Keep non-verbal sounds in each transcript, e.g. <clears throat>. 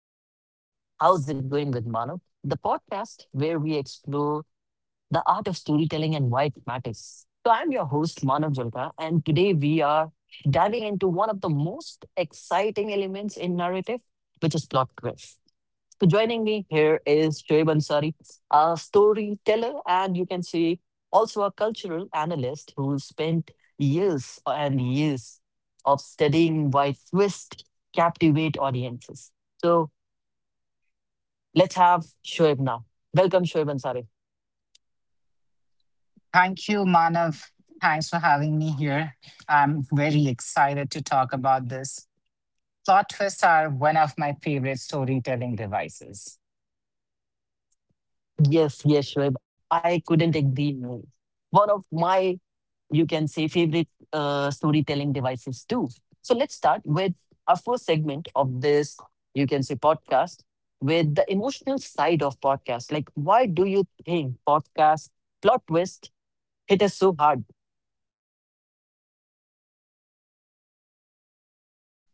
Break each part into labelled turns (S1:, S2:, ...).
S1: to How's It Going with Manav, the podcast where we explore the art of storytelling and why it matters. So, I'm your host, Manav Julka, and today we are diving into one of the most exciting elements in narrative, which is plot twist. So joining me here is Shoaib Ansari, a storyteller, and you can say also a cultural analyst who spent years and years of studying why twists captivate audiences. So let's have Shoaib now. Welcome, Shoaib Ansari.
S2: Thank you, Manav. Thanks for having me here. I'm very excited to talk about this. Plot twists are one of my favorite storytelling devices.
S1: Yes, yes, Shoaib. I couldn't agree more. One of my you can say favorite storytelling devices too. So let's start with our first segment of this, you can say podcast, with the emotional side of podcast. Like, why do you think podcast plot twist hit us so hard?
S2: Um,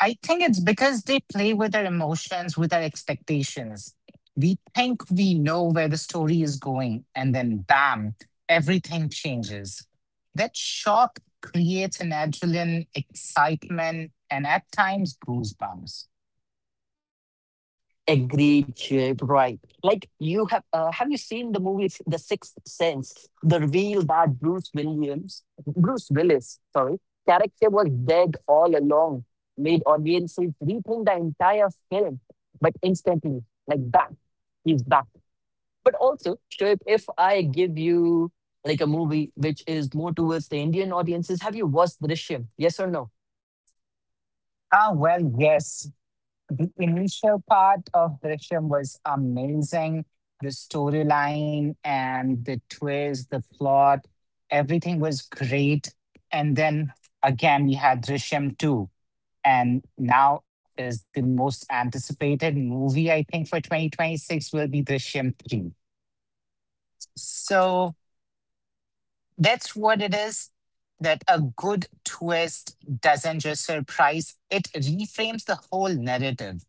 S2: I think it's because they play with our emotions, with our expectations. We think we know where the story is going, and then bam, everything changes. That shock creates an adrenaline, excitement, and at times goosebumps.
S1: Agreed, Chip, right. Like you have you seen the movie The Sixth Sense? The reveal that Bruce Willis, sorry, character was dead all along, made audiences rethink the entire film. But instantly, like bang, he's back. But also, Shoaib, if I give you like a movie which is more towards the Indian audiences, have you watched Drishyam? Yes or no?
S2: Well, yes. The initial part of Drishyam was amazing. The storyline and the twist, the plot, everything was great. And then again, we had Drishyam 2. And now is the most anticipated movie, I think, for 2026 will be Drishyam 3. So that's what it is. That a good twist doesn't just surprise, it reframes the whole narrative.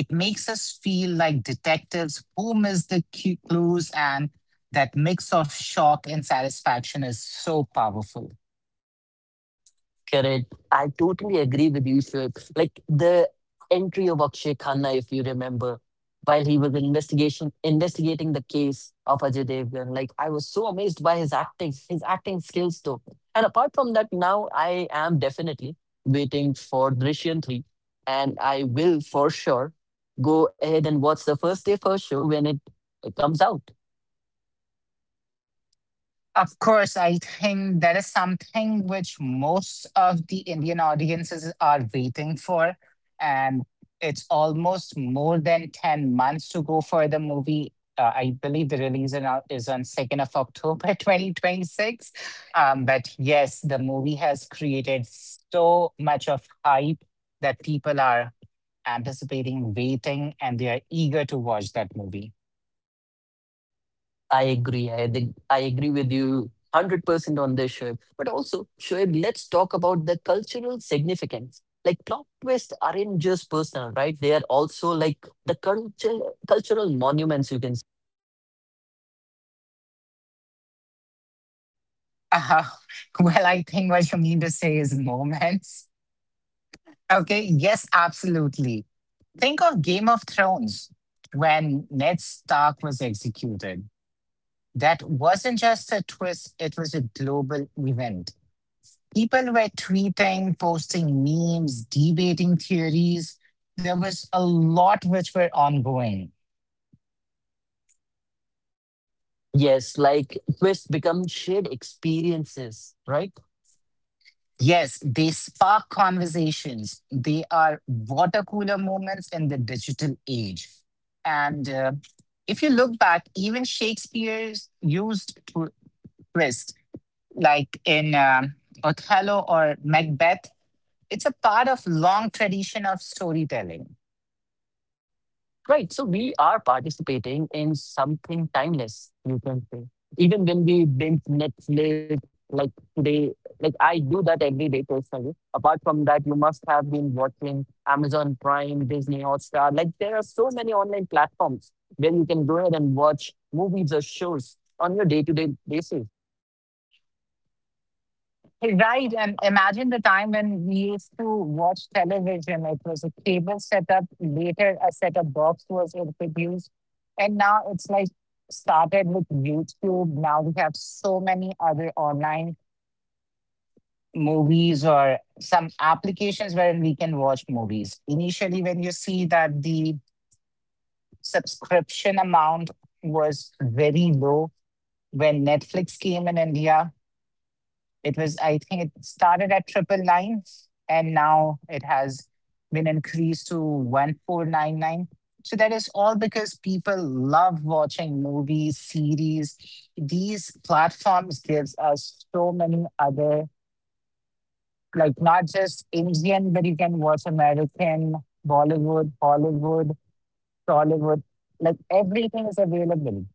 S2: It makes us feel like detectives who miss the clues, and that mix of shock and satisfaction is so powerful.
S1: Correct. I totally agree with you, sir. Like the entry of Akshay Khanna, if you remember, while he was investigation investigating the case of Ajay Devgan, like I was so amazed by his acting skills though. And apart from that, now I am definitely waiting for Drishyam 3. And I will for sure go ahead and watch the first day first show when it comes out.
S2: Of course, I think that is something which most of the Indian audiences are waiting for. And it's almost more than 10 months to go for the movie. I believe the release in, is on 2nd of October <laughs> 2026. But yes, the movie has created so much of hype that people are anticipating, waiting, and they are eager to watch that movie.
S1: I agree. I think I agree with you 100% on this, Shoaib. But also, Shoaib, let's talk about the cultural significance. Like plot twists aren't just personal, right? They are also like the cultural monuments, you can say.
S2: Uh, <laughs> well, I think what you mean to say is moments. Okay, yes, absolutely. Think of Game of Thrones when Ned Stark was executed. That wasn't just a twist, it was a global event. People were tweeting, posting memes, debating theories. There was a lot which were ongoing.
S1: Yes, like twists become shared experiences, right?
S2: Yes, they spark conversations. They are water cooler moments in the digital age. And if you look back, even Shakespeare's used twist, like in Othello or Macbeth. It's a part of long tradition of storytelling.
S1: Right. So we are participating in something timeless, you can say. Even when we binge Netflix, like today, like I do that every day personally. Apart from that, you must have been watching Amazon Prime, Disney Hotstar. Like there are so many online platforms where you can go ahead and watch movies or shows on your day-to-day basis.
S2: Right, and imagine the time when we used to watch television. It was a cable setup. Later, a setup box was introduced, and now it's like started with YouTube. Now we have so many other online movies or some applications wherein we can watch movies. Initially, when you see that the subscription amount was very low when Netflix came in India, it was, I think it started at 999 and now it has been increased to 1499. So that is all because people love watching movies, series. These platforms gives us so many other, like not just Indian, but you can watch American, Bollywood, Hollywood, Tollywood. Like everything is available.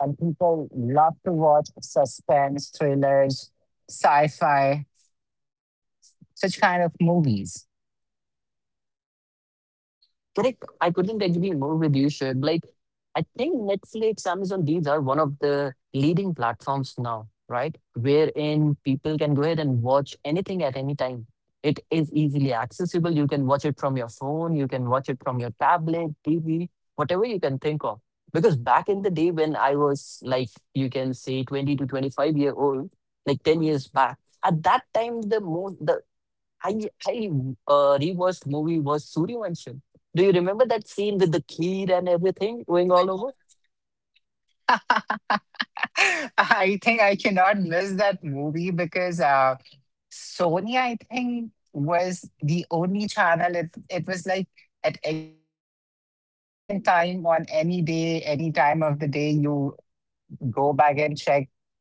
S2: And people love to watch suspense, thrillers, sci-fi such kind of movies.
S1: Correct. I couldn't agree more with you, Shoaib. Like, I think Netflix, Amazon, these are one of the leading platforms now, right? Wherein people can go ahead and watch anything at any time. It is easily accessible. You can watch it from your phone, you can watch it from your tablet, TV, whatever you can think of. Because back in the day when I was like, you can say 20 to 25 year old, like 10 years back, at that time, the I I rewatched movie was Suryavansham. Do you remember that scene with the kid and everything going all over?
S2: <laughs> I think I cannot miss that movie because Sony, I think, was the only channel. It was like at any point in time, on any day, any time of the day, you go back and check. So,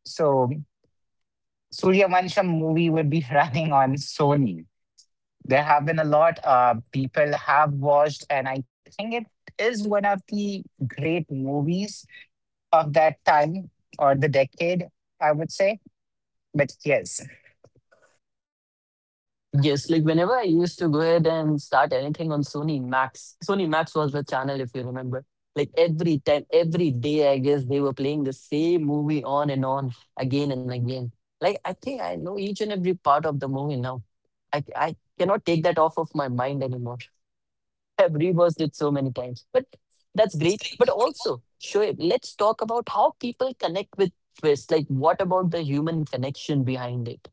S2: Surya Vansham movie would be <laughs> running on Sony. There have been a lot people have watched, and I think it is one of the great movies of that time or the decade, I would say. But yes,
S1: Yes, like whenever I used to go ahead and start anything on Sony Max. Sony Max was the channel, if you remember. Like every time, every day, I guess they were playing the same movie on and on again and again. Like I think I know each and every part of the movie now. I cannot take that off of my mind anymore. I've reversed it so many times. But that's great. But also, Shoaib, let's talk about how people connect with Twist. Like, what about the human connection behind it?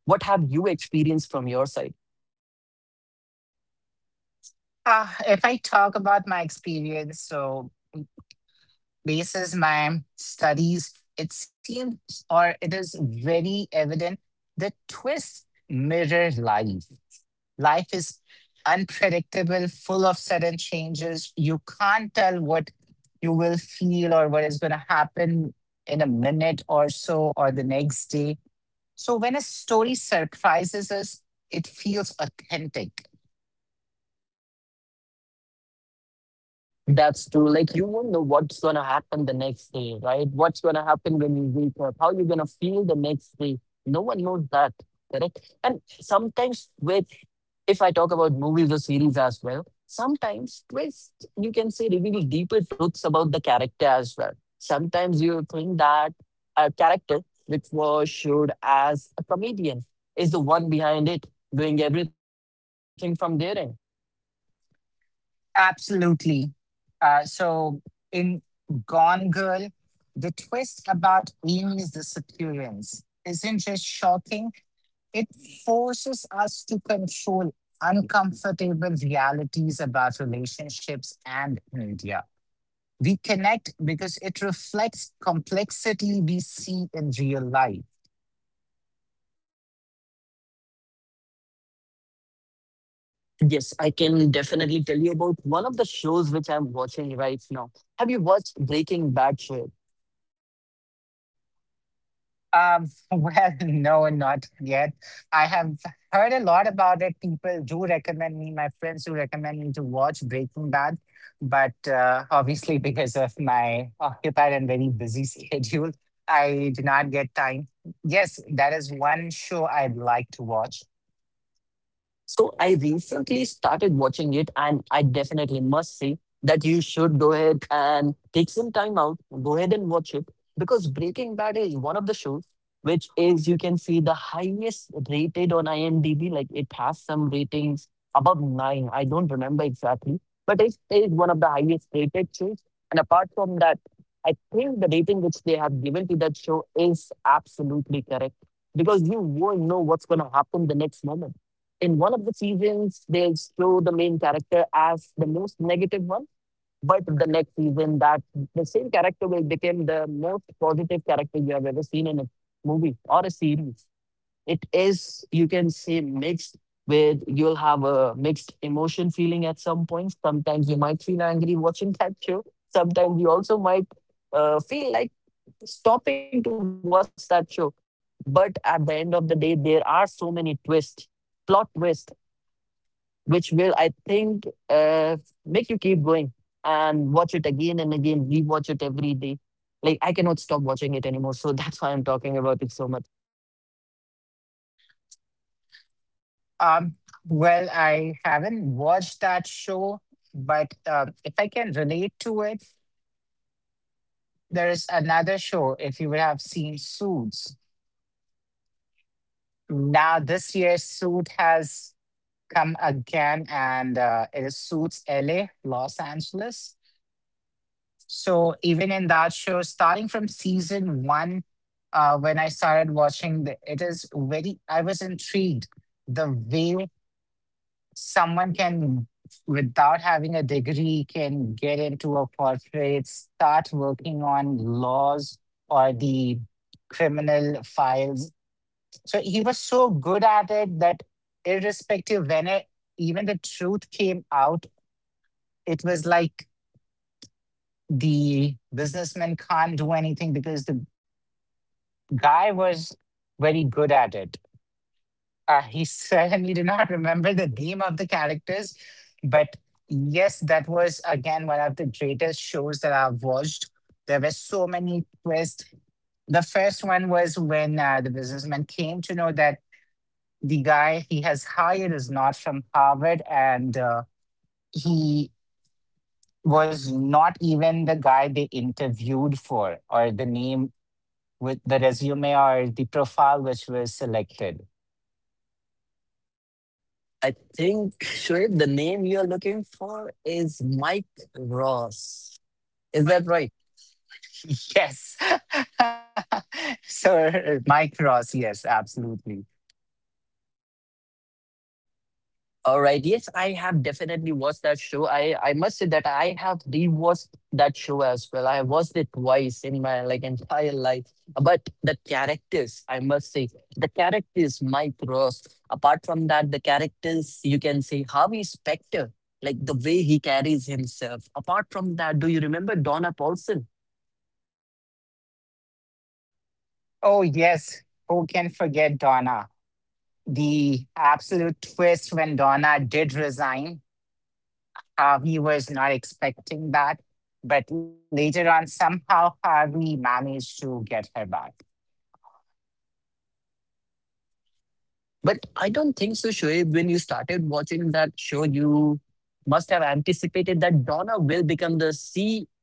S1: What have you experienced from your side?
S2: if I talk about my experience, so basis my studies, it seems or it is very evident that twists mirror life. Life is unpredictable, full of sudden changes. You can't tell what you will feel or what is going to happen in a minute or so or the next day. So when a story surprises us, it feels authentic.
S1: That's true. Like you won't know what's gonna happen the next day, right? What's gonna happen when you wake up? How you're gonna feel the next day? No one knows that, correct? And sometimes with, if I talk about movies or series as well, sometimes twist you can say reveal deeper truths about the character as well. Sometimes you think that a character which was showed as a comedian is the one behind it doing everything from there.
S2: Absolutely. So in Gone Girl, the twist about Amy's disappearance isn't just shocking, it forces us to control uncomfortable realities about relationships and media. We connect because it reflects complexity we see in real life.
S1: Yes, I can definitely tell you about one of the shows which I'm watching right now. Have you watched Breaking Bad show?
S2: <laughs> Well, no, not yet. I have heard a lot about it. People do recommend me, my friends do recommend me to watch Breaking Bad, but obviously, <laughs> because of my occupied and very busy <laughs> schedule, I did not get time. Yes, that is one show I'd like to watch.
S1: So I recently started watching it, and I definitely must say that you should go ahead and take some time out, go ahead and watch it because Breaking Bad is one of the shows which is you can see the highest rated on IMDb. Like it has some ratings above nine. I don't remember exactly, but it is one of the highest rated shows. And apart from that, I think the rating which they have given to that show is absolutely correct because you won't know what's going to happen the next moment. In one of the seasons they show the main character as the most negative one, but the next season that the same character will become the most positive character you have ever seen in a movie or a series. It is you can say mixed with you'll have a mixed emotion feeling at some points. Sometimes you might feel angry watching <laughs> that show, sometimes you also might feel like stopping to watch that show, but at the end of the day there are so many twists, plot twists which will, I think, make you keep going and watch it again and again, rewatch it every day. Like, I cannot stop watching it anymore. So <laughs> that's why I'm talking about it so much.
S2: Um, well, I haven't watched that show, but if I can relate to it, there is another show, if you would have seen Suits. Now, this year's suit has come again, and it is Suits LA, Los Angeles. So, even in that show, starting from season 1, when I started watching, it is very, I was intrigued the way someone can, without having a degree, can get into a corporate, start working on laws or the criminal files, so he was so good at it that irrespective when it, even the truth came out, it was like the businessman can't do anything because the guy was very good at it. He <laughs> certainly did not remember the name of the characters, but yes, that was again one of the greatest shows that I've watched. There were so many twists. The first one was when the businessman came to know that the guy he has hired is not from Harvard, and he was not even the guy they interviewed for, or the name with the resume or the profile which was selected.
S1: I think, Shoaib, the name you're looking for is Mike Ross. Is that right?
S2: <laughs> Yes. <laughs> Sir Mike Ross, yes, absolutely.
S1: All right. Yes, I have definitely watched that show. I must say that I have rewatched that show as well. I watched it twice in my like entire life. But the characters, I must say, the characters, Mike Ross. Apart from that, the characters you can say Harvey Specter, like the way he carries himself. Apart from that, do you remember Donna Paulson?
S2: Oh, yes. Who can forget Donna? The absolute twist when Donna did resign. He was not expecting that. But later on, somehow Harvey managed to get her back.
S1: But I don't think so, Shoaib. When you started watching that show, you must have anticipated that Donna will become the C.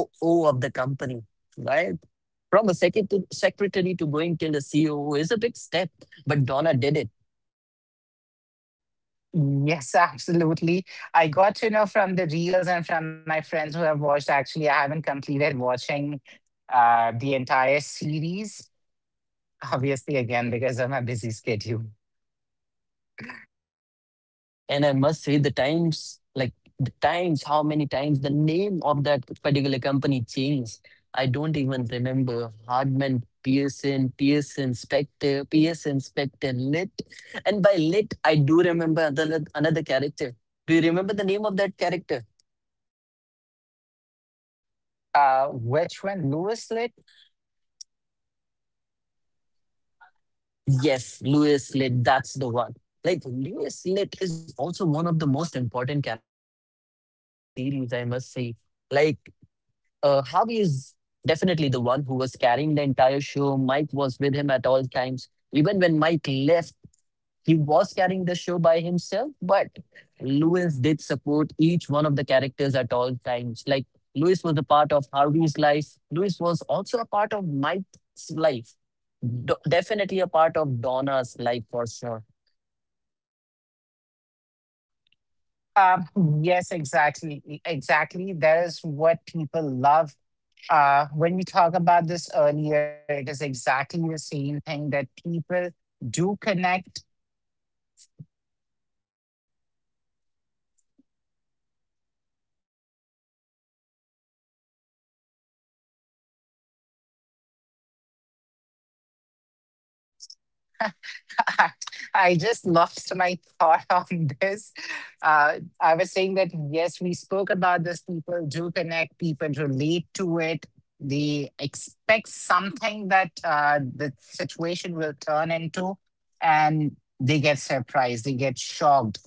S1: COO of the company, right? From a secretary to going till the CEO is a big step, but Donna did it.
S2: Yes, absolutely. I got to know from the reels and from my friends who have watched. Actually, I haven't completed watching the entire series, obviously, again, because of my busy schedule.
S1: And I must say, the times, like the times, how many times the name of that particular company changed. I don't even remember Hardman, Pearson, Pearson, Spectre, Pearson, Spectre, Lit. And by Lit, I do remember another character. Do you remember the name of that character?
S2: Which one? Lewis Lit?
S1: Yes, Lewis Litt, that's the one. Like Lewis Litt is also one of the most important characters of that series, I must say. Like Harvey is definitely the one who was carrying the entire show. Mike was with him at all times. Even when Mike left, he was carrying the show by himself, but Lewis did support each one of the characters at all times. Like Lewis was a part of Harvey's life. Lewis was also a part of Mike's life. Definitely a part of Donna's life for sure.
S2: Um, yes, exactly. Exactly. That is what people love. When we talk about this earlier, it is exactly the same thing that people do connect. <laughs> I I just lost my thought <laughs> on this. I was saying that yes, we spoke about this. People do connect. People relate to it. They expect something that the situation will turn into, and they get surprised. They get shocked.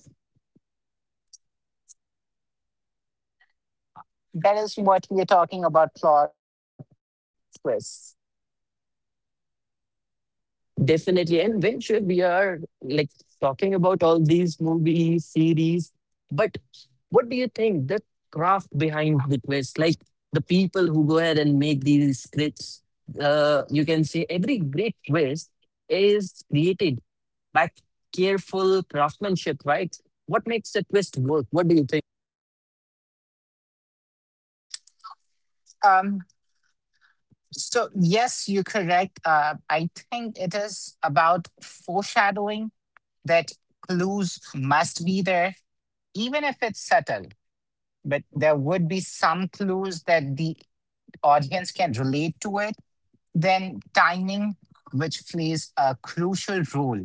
S2: That is what we're talking about. Plot twists.
S1: Definitely. And when sure we are like talking about all these movies, series, but what do you think the craft behind the twist, like the people who go ahead and make these scripts, you can say every great twist is created by careful craftsmanship, right? What makes a twist work? What do you think?
S2: Um, so yes, you're correct. I think it is about foreshadowing, that clues must be there even if it's subtle, but there would be some clues that the audience can relate to it, then timing, which plays a crucial role.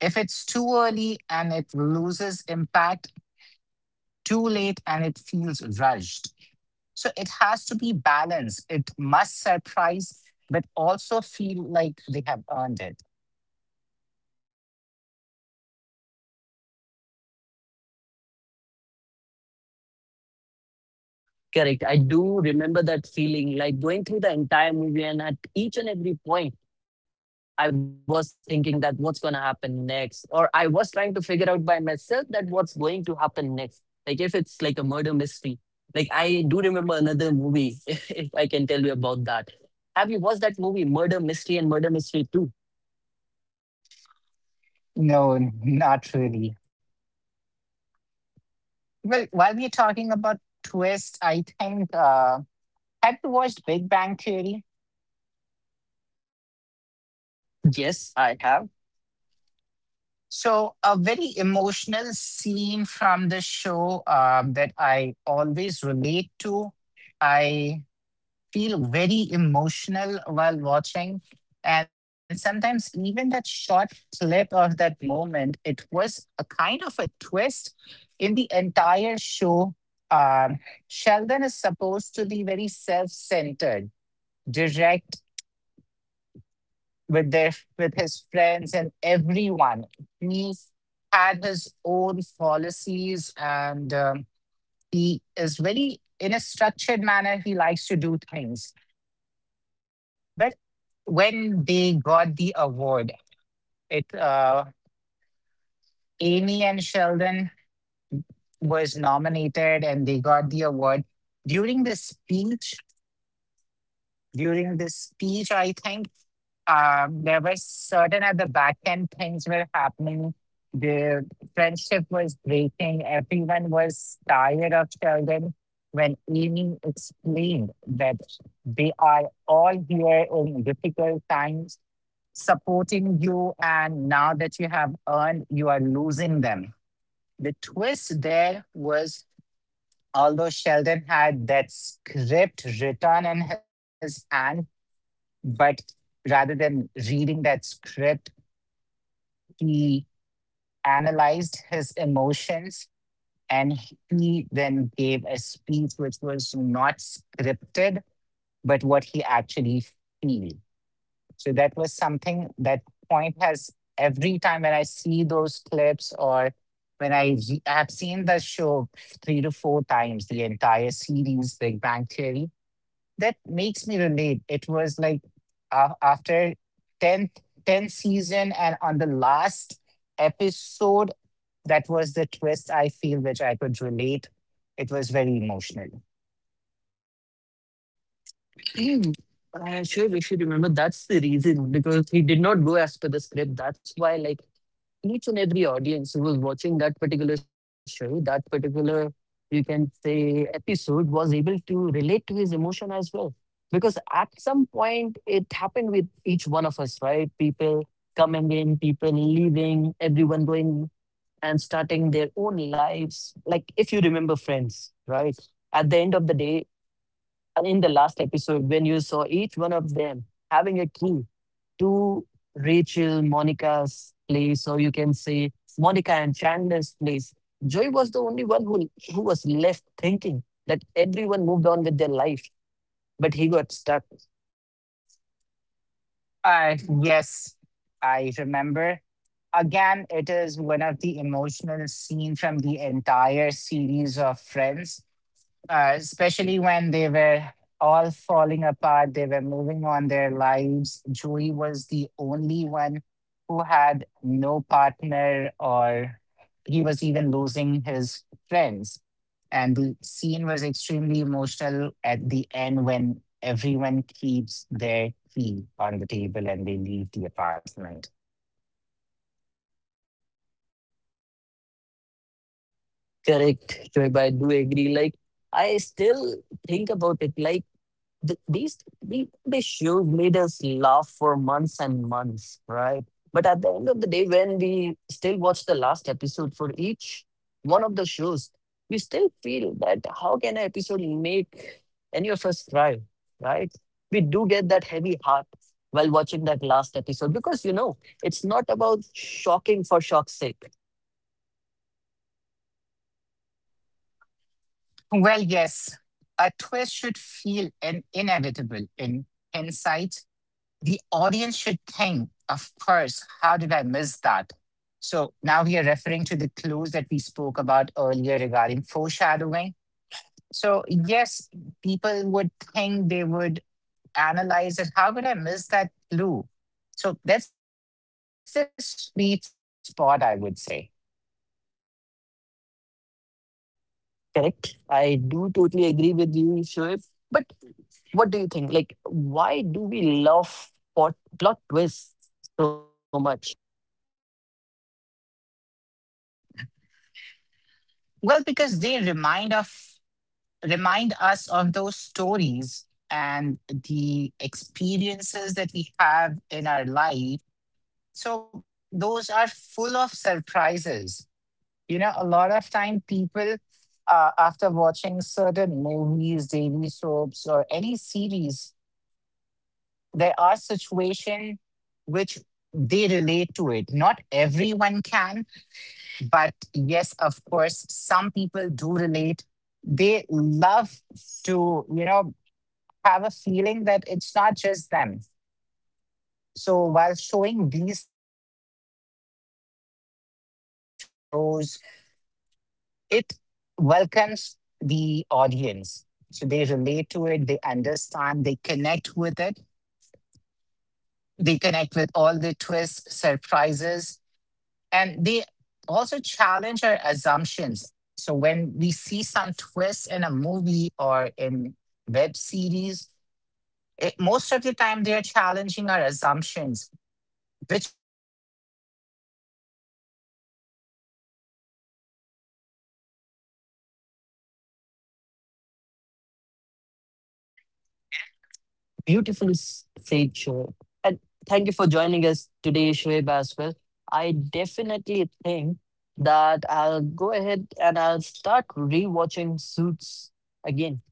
S2: If it's too early and it loses impact, too late and it feels rushed. So it has to be balanced. It must surprise, but also feel like they have earned it.
S1: Correct. I do remember that feeling, like going through the entire movie, and at each and every point, I was thinking that what's going to happen next, or I was trying to figure out by myself that what's going to happen next. Like if it's like a murder mystery, like I do remember another movie, <laughs> if I can tell you about that. Have you watched that movie, Murder Mystery and Murder Mystery Two?
S2: No, not really. Well, while we're talking about twists, I think, have you watched Big Bang Theory?
S1: Yes, I have.
S2: So, a very emotional scene from the show that I always relate to. I feel very emotional while watching. And sometimes, even that short clip of that moment, it was a kind of a twist in the entire show. Um, Sheldon is supposed to be very self centered, direct, with their with his friends and everyone. He had his own policies, and he is very in a structured manner. He likes to do things. But when they got the award, it Amy and Sheldon was nominated, and they got the award during the speech. During the speech, I think there were certain at the back end things were happening. The friendship was breaking. Everyone was tired of Sheldon when Amy explained that they are all here in difficult times supporting you, and now that you have earned, you are losing them. The twist there was, although Sheldon had that script written in his hand, but rather than reading that script, he analyzed his emotions and he then gave a speech which was not scripted, but what he actually feel. So that was something that point has every time when I see those clips or when I have seen the show 3 to 4 times, the entire series, Big Bang Theory, that makes me relate. It was like after 10th 10th season and on the last episode, that was the twist I feel which I could relate. It was very emotional.
S1: <clears throat> I sure wish you remember that's the reason because he did not go as per the script. That's why, like, and each and every audience who was watching that particular show, that particular, you can say, episode was able to relate to his emotion as well. Because at some point, it happened with each one of us, right? People coming in, people leaving, everyone going and starting their own lives. Like, if you remember Friends, right? At the end of the day, in the last episode, when you saw each one of them having a key to Rachel, Monica's place, or you can say Monica and Chandler's place, Joey was the only one who was left thinking that everyone moved on with their life, but he got stuck.
S2: Uh, yes, I remember. Again, it is one of the emotional scenes from the entire series of Friends, especially when they were all falling apart, they were moving on their lives. Joey was the only one who had no partner, or he was even losing his friends. And the scene was extremely emotional at the end when everyone keeps their key on the table and they leave the apartment.
S1: Correct, Joey, but I do agree. Like, I still think about it. Like, these issues made us laugh for months and months, right? But at the end of the day, when we still watch the last episode for each one of the shows, we still feel that how can an episode make any of us cry, right? We do get that heavy heart while watching that last episode because you know it's not about shocking for shock's sake,
S2: Well, yes, a twist should feel an inevitable in hindsight. The audience should think, of course, how did I miss that? So now we are referring to the clues that we spoke about earlier regarding foreshadowing. So, yes, people would think, they would analyze it. How could I miss that clue? So, that's the sweet spot, I would say.
S1: correct? I do totally agree with you, Shoaib. But what do you think? Like, why do we love plot twists so much?
S2: Well, because they remind of, remind us of those stories and the experiences that we have in our life. So those are full of surprises. You know, a lot of time people, after watching certain movies, daily soaps, or any series, there are situations which they relate to it. Not everyone can, but yes, of course, some people do relate. They love to, you know, have a feeling that it's not just them. So while showing these things in the movies, shows, it welcomes the audience. So they relate to it, they understand, they connect with it, they connect with all the twists, surprises, and they also challenge our assumptions. So when we see some twists in a movie or in web series, it, most of the time they are challenging our assumptions, which sparks an emotion, and then later it connects us culturally. Did I lose?
S1: Beautifully said, Shoaib. And thank you for joining us today, Shoaib, as well. I definitely think that I'll go ahead and I'll start rewatching Suits again.